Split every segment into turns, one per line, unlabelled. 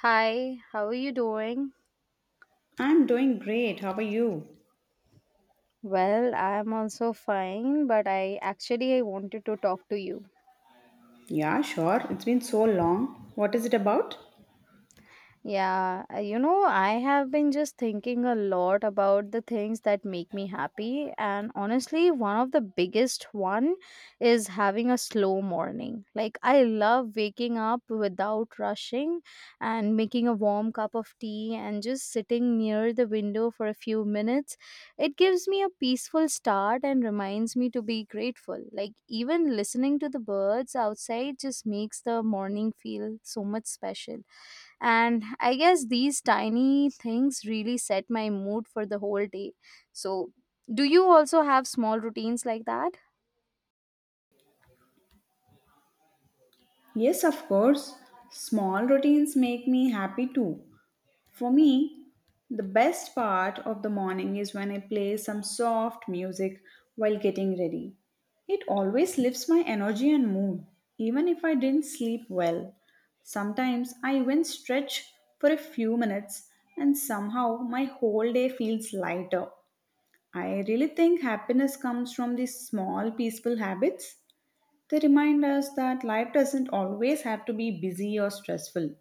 Hi, how are you doing?
I'm doing great. How are you?
Well, I'm also fine, but I actually I wanted to talk to you.
Yeah, sure. It's been so long. What is it about?
Yeah, you know, I have been just thinking a lot about the things that make me happy, and honestly, one of the biggest one is having a slow morning. Like I love waking up without rushing and making a warm cup of tea and just sitting near the window for a few minutes. It gives me a peaceful start and reminds me to be grateful. Like even listening to the birds outside just makes the morning feel so much special, and I guess these tiny things really set my mood for the whole day. So do you also have small routines like that?
Yes, of course. Small routines make me happy too. For me, the best part of the morning is when I play some soft music while getting ready. It always lifts my energy and mood, even if I didn't sleep well. Sometimes I even stretch for a few minutes, and somehow my whole day feels lighter. I really think happiness comes from these small, peaceful habits. They remind us that life doesn't always have to be busy or stressful.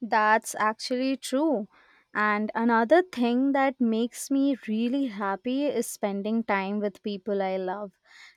That's actually true. And another thing that makes me really happy is spending time with people I love.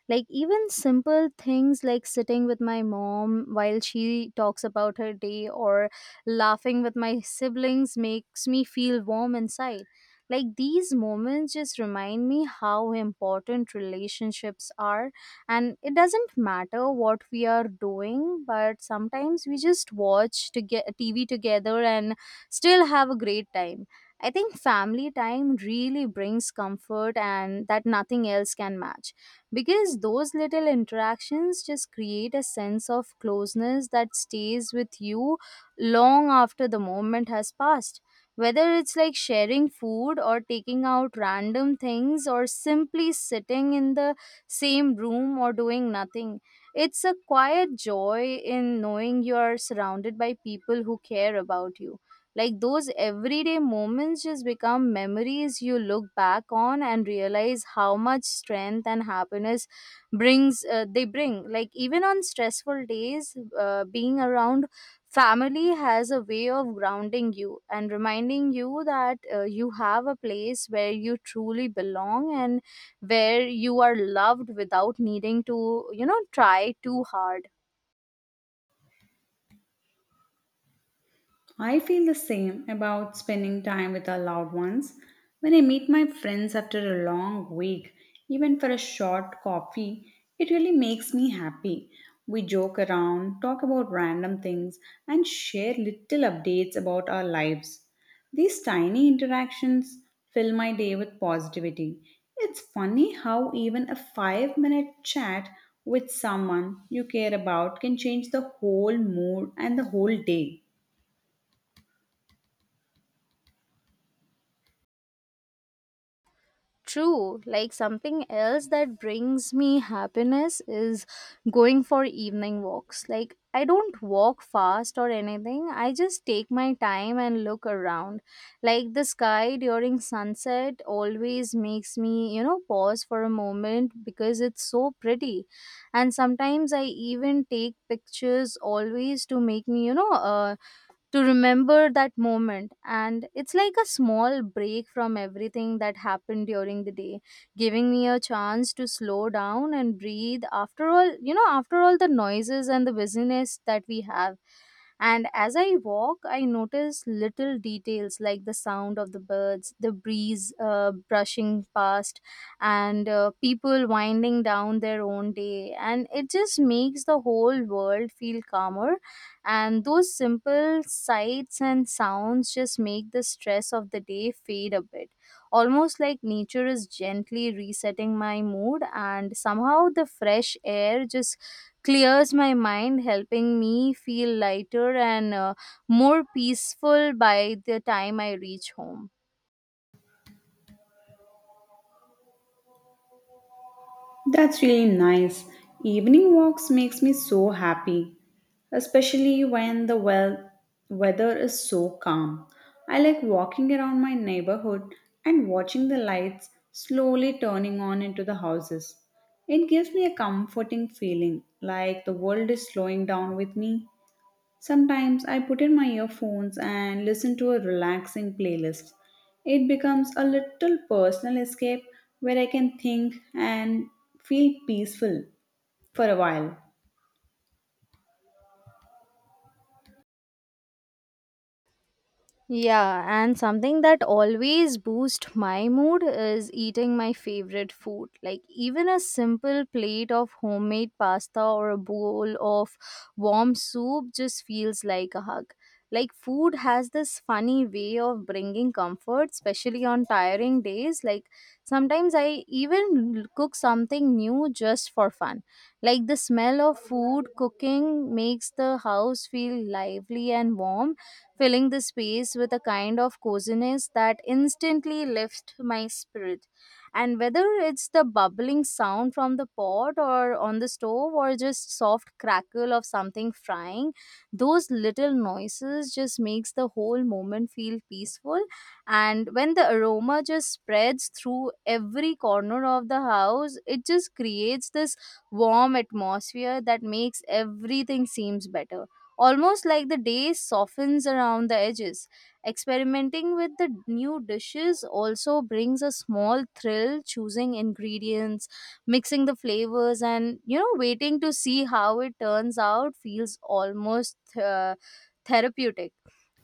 Like, even simple things like sitting with my mom while she talks about her day or laughing with my siblings makes me feel warm inside. Like, these moments just remind me how important relationships are, and it doesn't matter what we are doing, but sometimes we just watch to get TV together and still have a great time. I think family time really brings comfort and that nothing else can match, because those little interactions just create a sense of closeness that stays with you long after the moment has passed, whether it's like sharing food or taking out random things or simply sitting in the same room or doing nothing. It's a quiet joy in knowing you are surrounded by people who care about you. Like those everyday moments just become memories you look back on and realize how much strength and happiness brings, they bring, like even on stressful days, being around family has a way of grounding you and reminding you that, you have a place where you truly belong and where you are loved without needing to, you know, try too hard.
I feel the same about spending time with our loved ones. When I meet my friends after a long week, even for a short coffee, it really makes me happy. We joke around, talk about random things, and share little updates about our lives. These tiny interactions fill my day with positivity. It's funny how even a 5 minute chat with someone you care about can change the whole mood and the whole day.
True, like something else that brings me happiness is going for evening walks. Like, I don't walk fast or anything, I just take my time and look around. Like, the sky during sunset always makes me, you know, pause for a moment because it's so pretty, and sometimes I even take pictures always to make me, you know, to remember that moment, and it's like a small break from everything that happened during the day, giving me a chance to slow down and breathe after all, you know, after all the noises and the busyness that we have. And as I walk I notice little details like the sound of the birds, the breeze brushing past, and people winding down their own day, and it just makes the whole world feel calmer, and those simple sights and sounds just make the stress of the day fade a bit, almost like nature is gently resetting my mood. And somehow the fresh air just clears my mind, helping me feel lighter and more peaceful by the time I reach home.
That's really nice. Evening walks makes me so happy, especially when the weather is so calm. I like walking around my neighborhood and watching the lights slowly turning on into the houses. It gives me a comforting feeling, like the world is slowing down with me. Sometimes I put in my earphones and listen to a relaxing playlist. It becomes a little personal escape where I can think and feel peaceful for a while.
Yeah, and something that always boosts my mood is eating my favorite food. Like even a simple plate of homemade pasta or a bowl of warm soup just feels like a hug. Like food has this funny way of bringing comfort, especially on tiring days. Like sometimes I even cook something new just for fun. Like the smell of food cooking makes the house feel lively and warm, filling the space with a kind of coziness that instantly lifts my spirit. And whether it's the bubbling sound from the pot or on the stove or just soft crackle of something frying, those little noises just makes the whole moment feel peaceful. And when the aroma just spreads through every corner of the house, it just creates this warm atmosphere that makes everything seems better, almost like the day softens around the edges. Experimenting with the new dishes also brings a small thrill, choosing ingredients, mixing the flavors, and you know, waiting to see how it turns out feels almost therapeutic.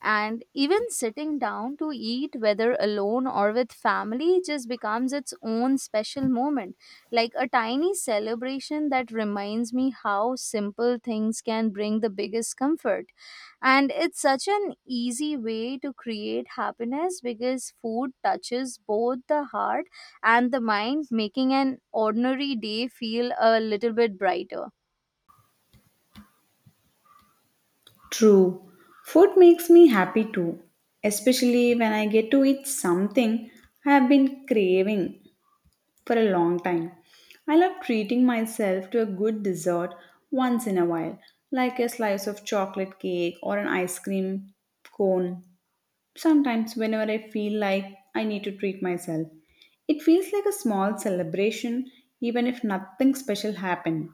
And even sitting down to eat, whether alone or with family, just becomes its own special moment, like a tiny celebration that reminds me how simple things can bring the biggest comfort. And it's such an easy way to create happiness because food touches both the heart and the mind, making an ordinary day feel a little bit brighter.
True, food makes me happy too, especially when I get to eat something I have been craving for a long time. I love treating myself to a good dessert once in a while, like a slice of chocolate cake or an ice cream cone. Sometimes, whenever I feel like I need to treat myself, it feels like a small celebration, even if nothing special happened.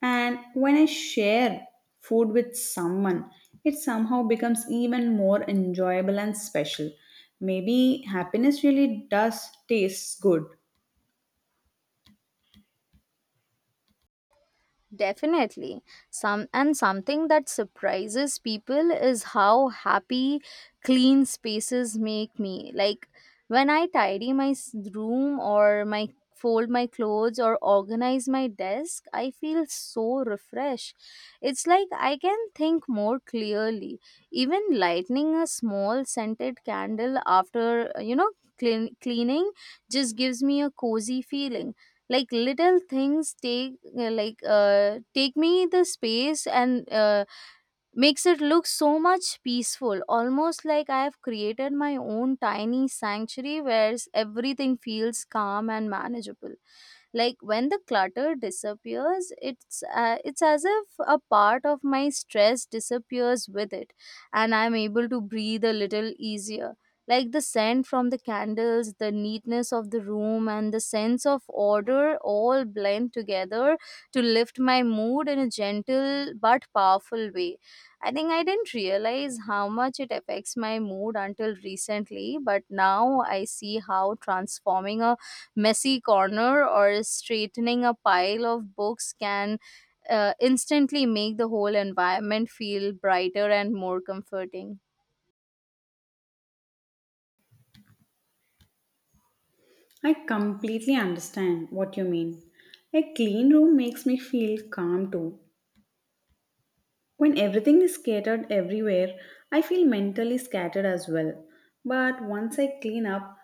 And when I share food with someone, it somehow becomes even more enjoyable and special. Maybe happiness really does taste good.
Definitely. Something that surprises people is how happy clean spaces make me. Like when I tidy my room or my fold my clothes or organize my desk, I feel so refreshed. It's like I can think more clearly. Even lighting a small scented candle after, you know, cleaning just gives me a cozy feeling, like little things take, take me the space, and makes it look so much peaceful, almost like I have created my own tiny sanctuary where everything feels calm and manageable. Like when the clutter disappears, it's as if a part of my stress disappears with it, and I'm able to breathe a little easier. Like the scent from the candles, the neatness of the room, and the sense of order all blend together to lift my mood in a gentle but powerful way. I think I didn't realize how much it affects my mood until recently, but now I see how transforming a messy corner or straightening a pile of books can instantly make the whole environment feel brighter and more comforting.
I completely understand what you mean. A clean room makes me feel calm too. When everything is scattered everywhere, I feel mentally scattered as well. But once I clean up,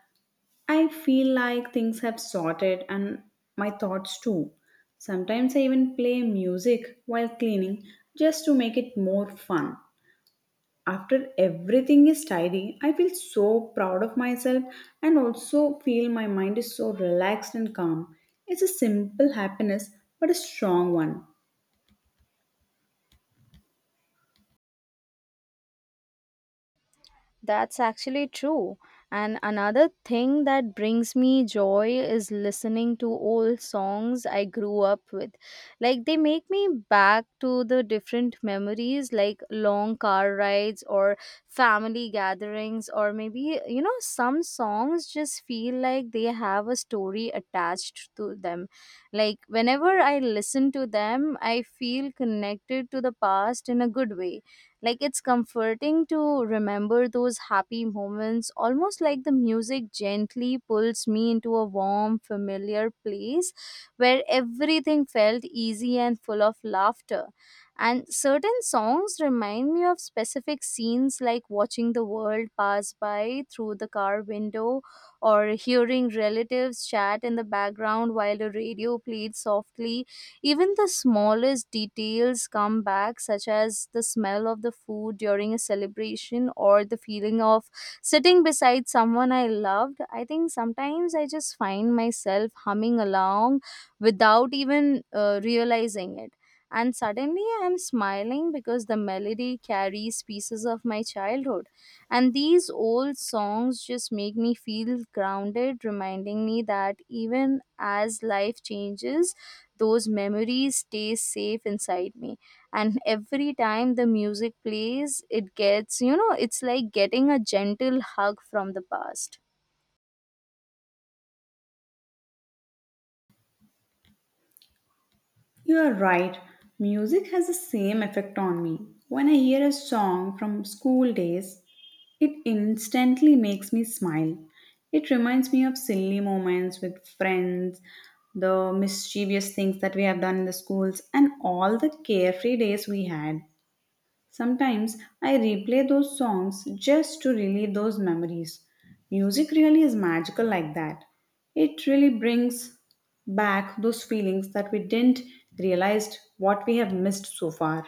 I feel like things have sorted and my thoughts too. Sometimes I even play music while cleaning just to make it more fun. After everything is tidy, I feel so proud of myself and also feel my mind is so relaxed and calm. It's a simple happiness but a strong one.
That's actually true. And another thing that brings me joy is listening to old songs I grew up with. Like they make me back to the different memories, like long car rides or family gatherings, or maybe, you know, some songs just feel like they have a story attached to them. Like whenever I listen to them, I feel connected to the past in a good way. Like it's comforting to remember those happy moments, almost like the music gently pulls me into a warm, familiar place where everything felt easy and full of laughter. And certain songs remind me of specific scenes, like watching the world pass by through the car window or hearing relatives chat in the background while the radio played softly. Even the smallest details come back, such as the smell of the food during a celebration or the feeling of sitting beside someone I loved. I think sometimes I just find myself humming along without even realizing it. And suddenly I'm smiling because the melody carries pieces of my childhood. And these old songs just make me feel grounded, reminding me that even as life changes, those memories stay safe inside me. And every time the music plays, it gets, you know, it's like getting a gentle hug from the past.
You are right. Music has the same effect on me. When I hear a song from school days, it instantly makes me smile. It reminds me of silly moments with friends, the mischievous things that we have done in the schools, and all the carefree days we had. Sometimes I replay those songs just to relive those memories. Music really is magical like that. It really brings back those feelings that we didn't realize what we have missed so far.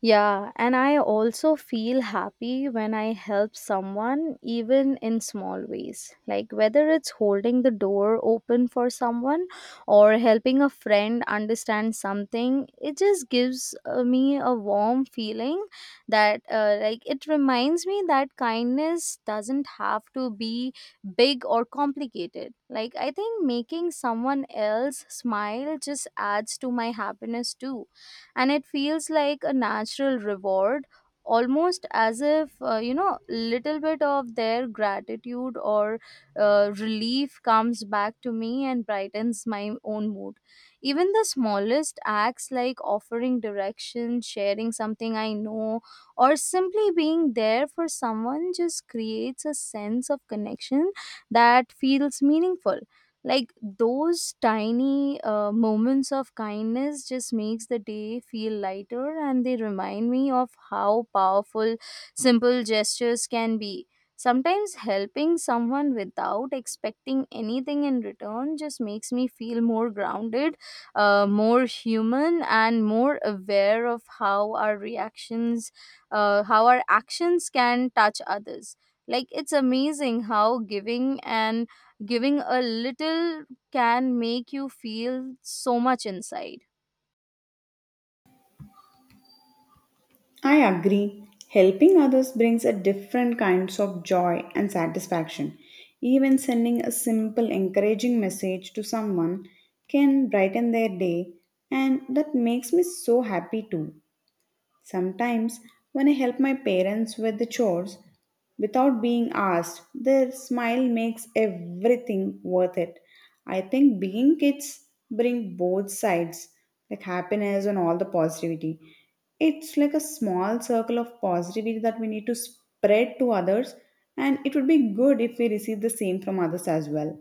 Yeah, and I also feel happy when I help someone, even in small ways. Like whether it's holding the door open for someone or helping a friend understand something, it just gives me a warm feeling that, like, it reminds me that kindness doesn't have to be big or complicated. Like, I think making someone else smile just adds to my happiness too, and it feels like a natural reward, almost as if, you know, little bit of their gratitude or relief comes back to me and brightens my own mood. Even the smallest acts, like offering direction, sharing something I know, or simply being there for someone just creates a sense of connection that feels meaningful. Like those tiny moments of kindness just makes the day feel lighter, and they remind me of how powerful simple gestures can be. Sometimes helping someone without expecting anything in return just makes me feel more grounded, more human, and more aware of how our reactions how our actions can touch others. Like it's amazing how giving a little can make you feel so much inside.
I agree. Helping others brings a different kinds of joy and satisfaction. Even sending a simple encouraging message to someone can brighten their day, and that makes me so happy too. Sometimes, when I help my parents with the chores without being asked, their smile makes everything worth it. I think being kids bring both sides, like happiness and all the positivity. It's like a small circle of positivity that we need to spread to others, and it would be good if we receive the same from others as well.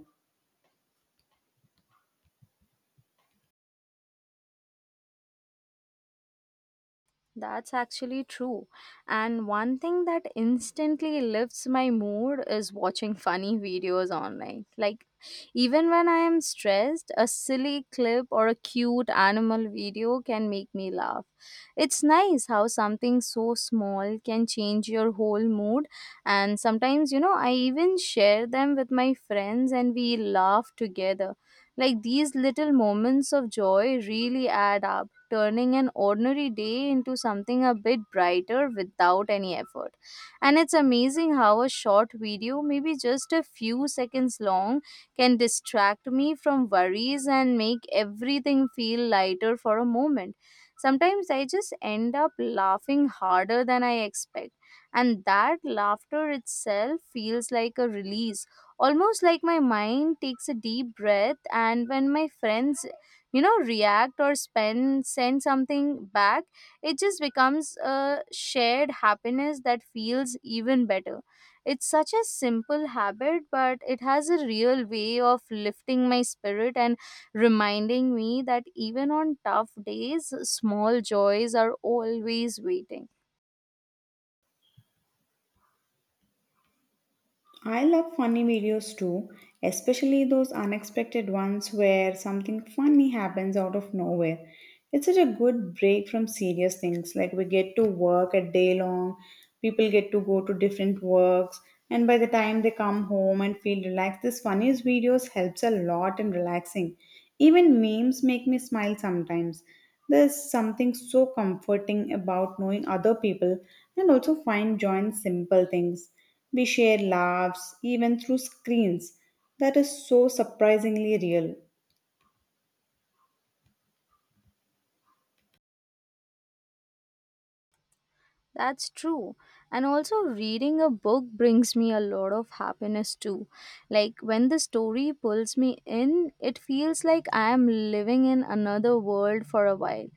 That's actually true. And one thing that instantly lifts my mood is watching funny videos online. Like, even when I am stressed, a silly clip or a cute animal video can make me laugh. It's nice how something so small can change your whole mood. And sometimes, you know, I even share them with my friends and we laugh together. Like, these little moments of joy really add up, turning an ordinary day into something a bit brighter without any effort. And it's amazing how a short video, maybe just a few seconds long, can distract me from worries and make everything feel lighter for a moment. Sometimes I just end up laughing harder than I expect, and that laughter itself feels like a release, almost like my mind takes a deep breath. And when my friends react or spend send something back, it just becomes a shared happiness that feels even better. It's such a simple habit, but it has a real way of lifting my spirit and reminding me that even on tough days, small joys are always waiting.
I love funny videos too, especially those unexpected ones where something funny happens out of nowhere. It's such a good break from serious things. Like we get to work a day long, people get to go to different works, and by the time they come home and feel relaxed, this funniest videos helps a lot in relaxing. Even memes make me smile sometimes. There's something so comforting about knowing other people and also find joy in simple things. We share laughs even through screens. That is so surprisingly real.
That's true. And also, reading a book brings me a lot of happiness too. Like, when the story pulls me in, it feels like I am living in another world for a while.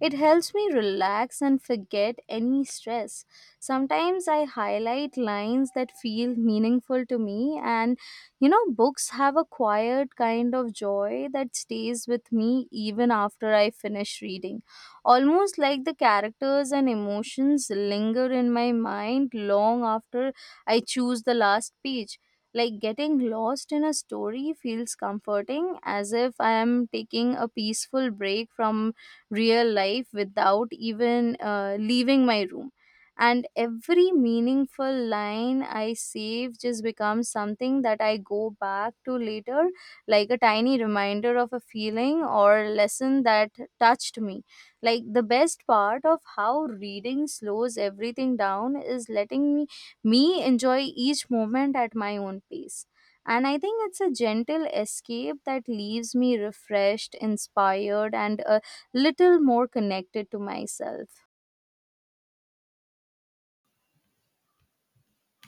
It helps me relax and forget any stress. Sometimes I highlight lines that feel meaningful to me, and books have a quiet kind of joy that stays with me even after I finish reading, almost like the characters and emotions linger in my mind long after I choose the last page. Like, getting lost in a story feels comforting, as if I am taking a peaceful break from real life without even leaving my room. And every meaningful line I save just becomes something that I go back to later, like a tiny reminder of a feeling or lesson that touched me. Like, the best part of how reading slows everything down is letting me enjoy each moment at my own pace. And I think it's a gentle escape that leaves me refreshed, inspired, and a little more connected to myself.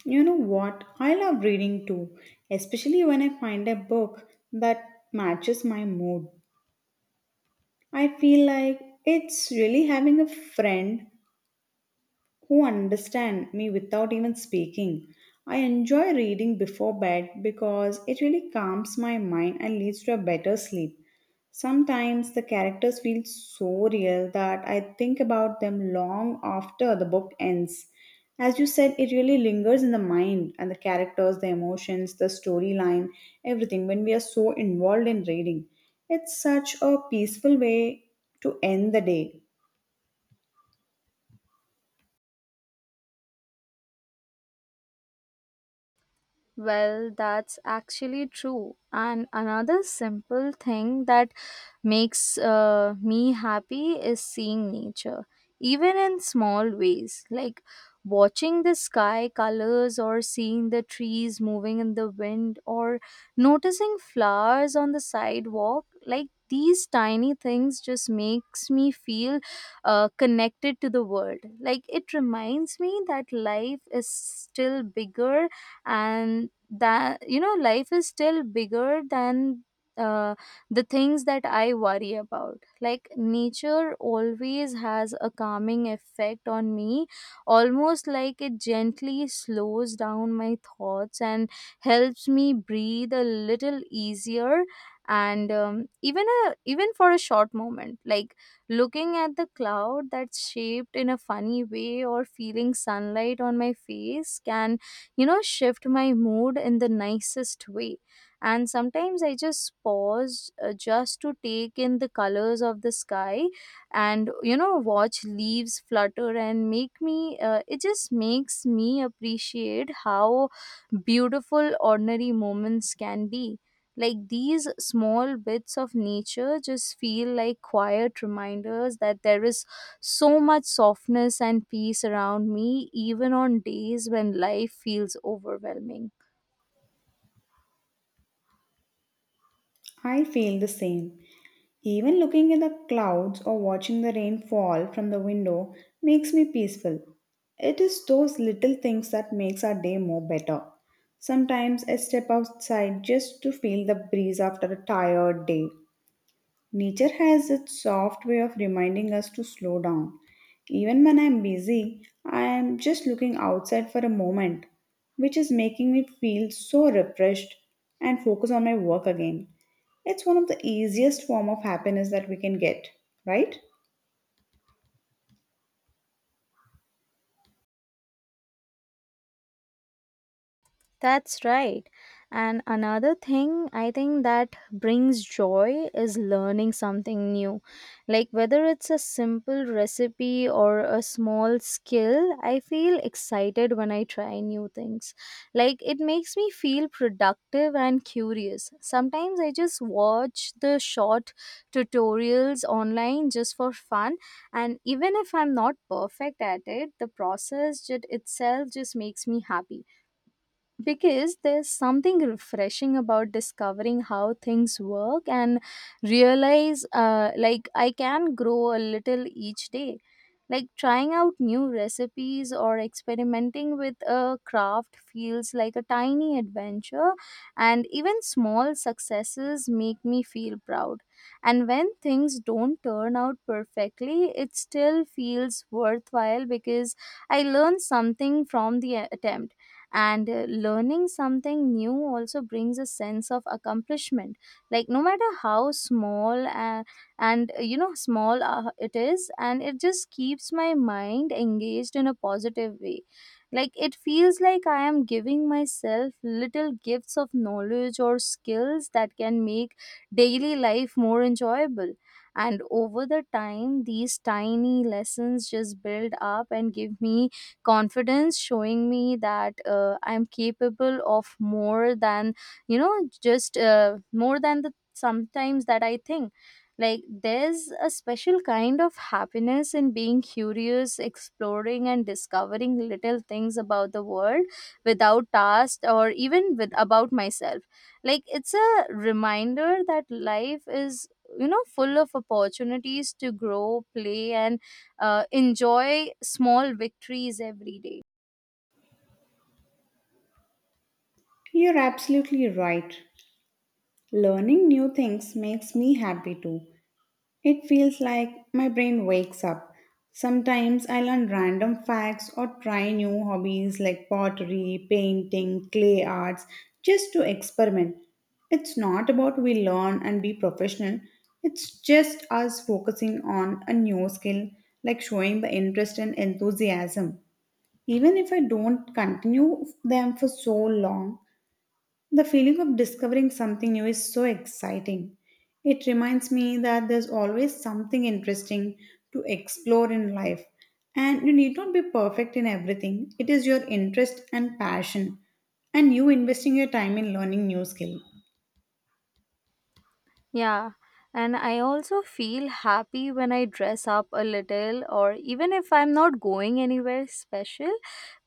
You know what? I love reading too, especially when I find a book that matches my mood. I feel like it's really having a friend who understands me without even speaking. I enjoy reading before bed because it really calms my mind and leads to a better sleep. Sometimes the characters feel so real that I think about them long after the book ends. As you said, it really lingers in the mind and the characters, the emotions, the storyline, everything when we are so involved in reading. It's such a peaceful way to end the day.
Well, that's actually true. And another simple thing that makes me happy is seeing nature, even in small ways, like watching the sky colors or seeing the trees moving in the wind or noticing flowers on the sidewalk. Like, these tiny things just makes me feel connected to the world. Like, it reminds me that life is still bigger, and that life is still bigger than uh, the things that I worry about. Like, nature always has a calming effect on me, almost like it gently slows down my thoughts and helps me breathe a little easier. And even a even for a short moment, like looking at the cloud that's shaped in a funny way or feeling sunlight on my face, can shift my mood in the nicest way. And sometimes I just pause, just to take in the colors of the sky, and watch leaves flutter and make me it just makes me appreciate how beautiful ordinary moments can be. Like, these small bits of nature just feel like quiet reminders that there is so much softness and peace around me, even on days when life feels overwhelming.
I feel the same. Even looking at the clouds or watching the rain fall from the window makes me peaceful. It is those little things that makes our day more better. Sometimes I step outside just to feel the breeze after a tired day. Nature has its soft way of reminding us to slow down. Even when I'm busy, I am just looking outside for a moment, which is making me feel so refreshed and focus on my work again. It's one of the easiest form of happiness that we can get, right?
That's right. And another thing I think that brings joy is learning something new. Like, whether it's a simple recipe or a small skill, I feel excited when I try new things. Like, it makes me feel productive and curious. Sometimes I just watch the short tutorials online just for fun, and even if I'm not perfect at it, the itself just makes me happy, because there's something refreshing about discovering how things work and realize, like, I can grow a little each day. Like, trying out new recipes or experimenting with a craft feels like a tiny adventure, and even small successes make me feel proud. And when things don't turn out perfectly, it still feels worthwhile because I learned something from the attempt. And learning something new also brings a sense of accomplishment, like, no matter how small and you know small it is. And it just keeps my mind engaged in a positive way. Like, it feels like I am giving myself little gifts of knowledge or skills that can make daily life more enjoyable. And over the time, these tiny lessons just build up and give me confidence, showing me that I'm capable of more than, you know just more than the sometimes that I think. Like, there's a special kind of happiness in being curious, exploring, and discovering little things about the world without tasks, or even with about myself. Like, it's a reminder that life is, full of opportunities to grow, play, and enjoy small victories every day.
You're absolutely right. Learning new things makes me happy too. It feels like my brain wakes up. Sometimes I learn random facts or try new hobbies like pottery, painting, clay arts just to experiment. It's not about we learn and be professional. It's just us focusing on a new skill, like showing the interest and enthusiasm. Even if I don't continue them for so long, the feeling of discovering something new is so exciting. It reminds me that there's always something interesting to explore in life. And you need not be perfect in everything, it is your interest and passion, and you investing your time in learning new skill.
Yeah, and I also feel happy when I dress up a little, or even if I'm not going anywhere special,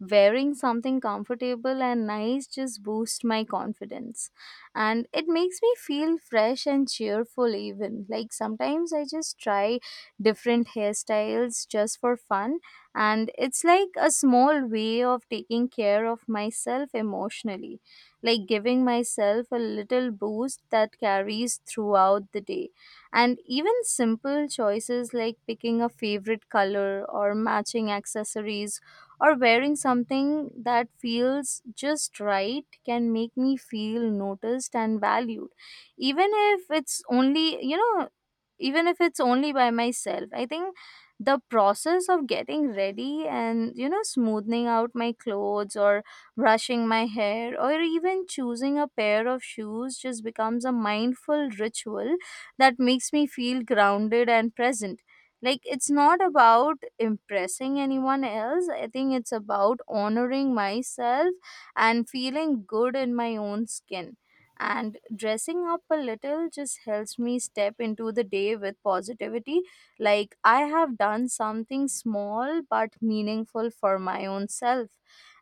wearing something comfortable and nice just boosts my confidence. And it makes me feel fresh and cheerful, even. Like, sometimes I just try different hairstyles just for fun, and it's like a small way of taking care of myself emotionally, like giving myself a little boost that carries throughout the day. And even simple choices like picking a favorite color or matching accessories or wearing something that feels just right can make me feel noticed and valued. Even if it's only, you know, even if it's only by myself, I think the process of getting ready and smoothing out my clothes or brushing my hair, or even choosing a pair of shoes, just becomes a mindful ritual that makes me feel grounded and present. Like, it's not about impressing anyone else. I think it's about honoring myself and feeling good in my own skin. And dressing up a little just helps me step into the day with positivity. Like, I have done something small but meaningful for my own self.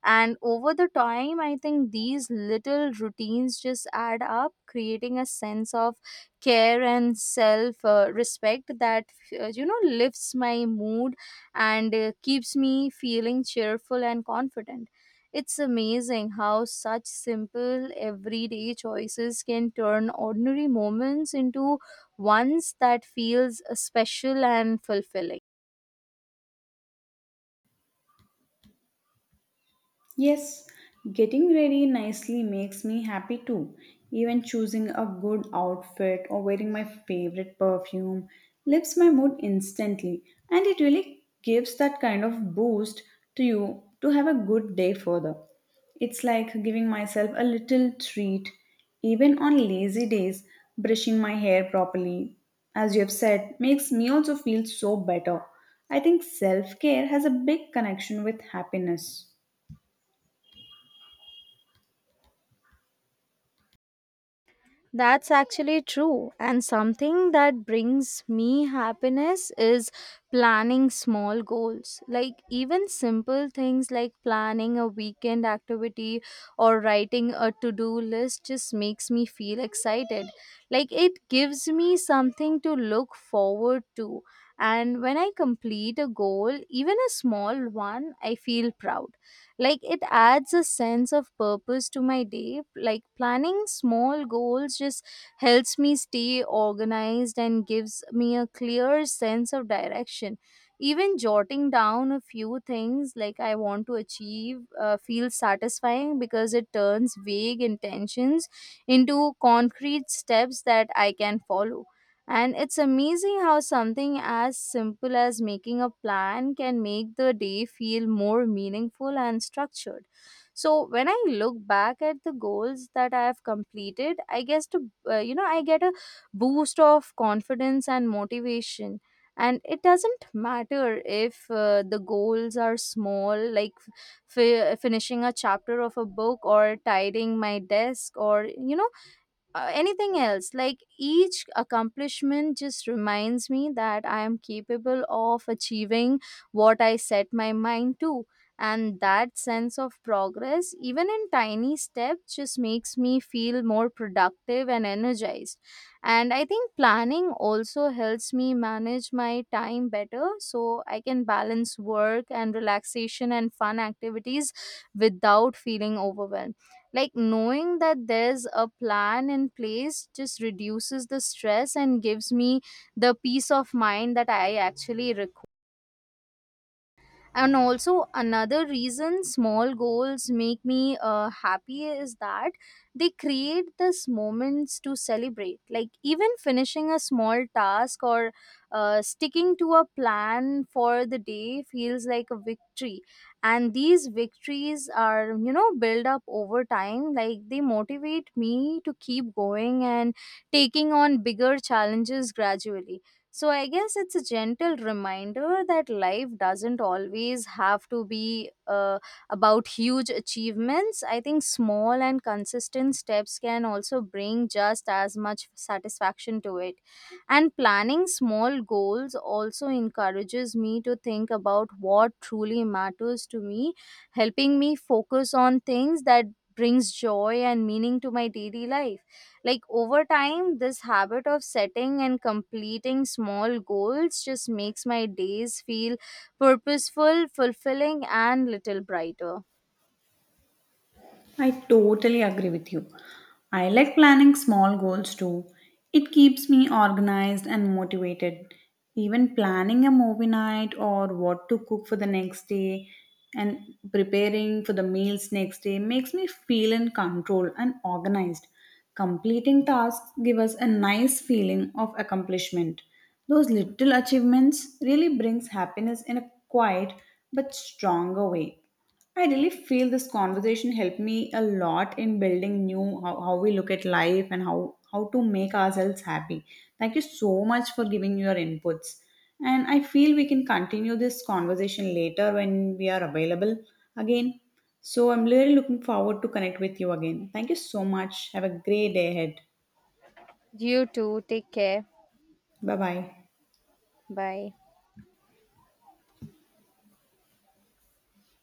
And over the time, I think these little routines just add up, creating a sense of care and self respect that, lifts my mood and keeps me feeling cheerful and confident. It's amazing how such simple everyday choices can turn ordinary moments into ones that feels special and fulfilling.
Yes, getting ready nicely makes me happy too. Even choosing a good outfit or wearing my favorite perfume lifts my mood instantly, and it really gives that kind of boost to you to have a good day further. It's like giving myself a little treat, even on lazy days, brushing my hair properly, as you have said, makes me also feel so better. I think self care has a big connection with happiness.
That's actually true. And something that brings me happiness is planning small goals. Like, even simple things like planning a weekend activity or writing a to do list just makes me feel excited. Like, it gives me something to look forward to. And when I complete a goal, even a small one, I feel proud, like it adds a sense of purpose to my day. Like, planning small goals just helps me stay organized and gives me a clear sense of direction. Even jotting down a few things like I want to achieve, feels satisfying, because it turns vague intentions into concrete steps that I can follow. And it's amazing how something as simple as making a plan can make the day feel more meaningful and structured. So when I look back at the goals that I have completed, I guess to, I get a boost of confidence and motivation. And it doesn't matter if the goals are small, like finishing a chapter of a book or tidying my desk, or anything else. Like, each accomplishment just reminds me that I am capable of achieving what I set my mind to. And that sense of progress, even in tiny steps, just makes me feel more productive and energized. And I think planning also helps me manage my time better, so I can balance work and relaxation and fun activities without feeling overwhelmed. Like, knowing that there's a plan in place just reduces the stress and gives me the peace of mind that I actually require. And also, another reason small goals make me happy is that they create this moments to celebrate. Like, even finishing a small task or sticking to a plan for the day feels like a victory. And these victories are, build up over time. Like, they motivate me to keep going and taking on bigger challenges gradually. So, I guess it's a gentle reminder that life doesn't always have to be about huge achievements. I think small and consistent steps can also bring just as much satisfaction to it. And planning small goals also encourages me to think about what truly matters to me, helping me focus on things that brings joy and meaning to my daily life. Like, over time, this habit of setting and completing small goals just makes my days feel purposeful, fulfilling, and little brighter.
I totally agree with you. I like planning small goals too. It keeps me organized and motivated. Even planning a movie night or what to cook for the next day and preparing for the meals next day makes me feel in control and organized. Completing tasks give us a nice feeling of accomplishment. Those little achievements really brings happiness in a quiet but stronger way. I really feel this conversation helped me a lot in building new, how we look at life and how to make ourselves happy. Thank you so much for giving your inputs. And I feel we can continue this conversation later when we are available again. So I'm really looking forward to connect with you again. Thank you so much. Have a great day ahead.
You too. Take care.
Bye bye.
Bye.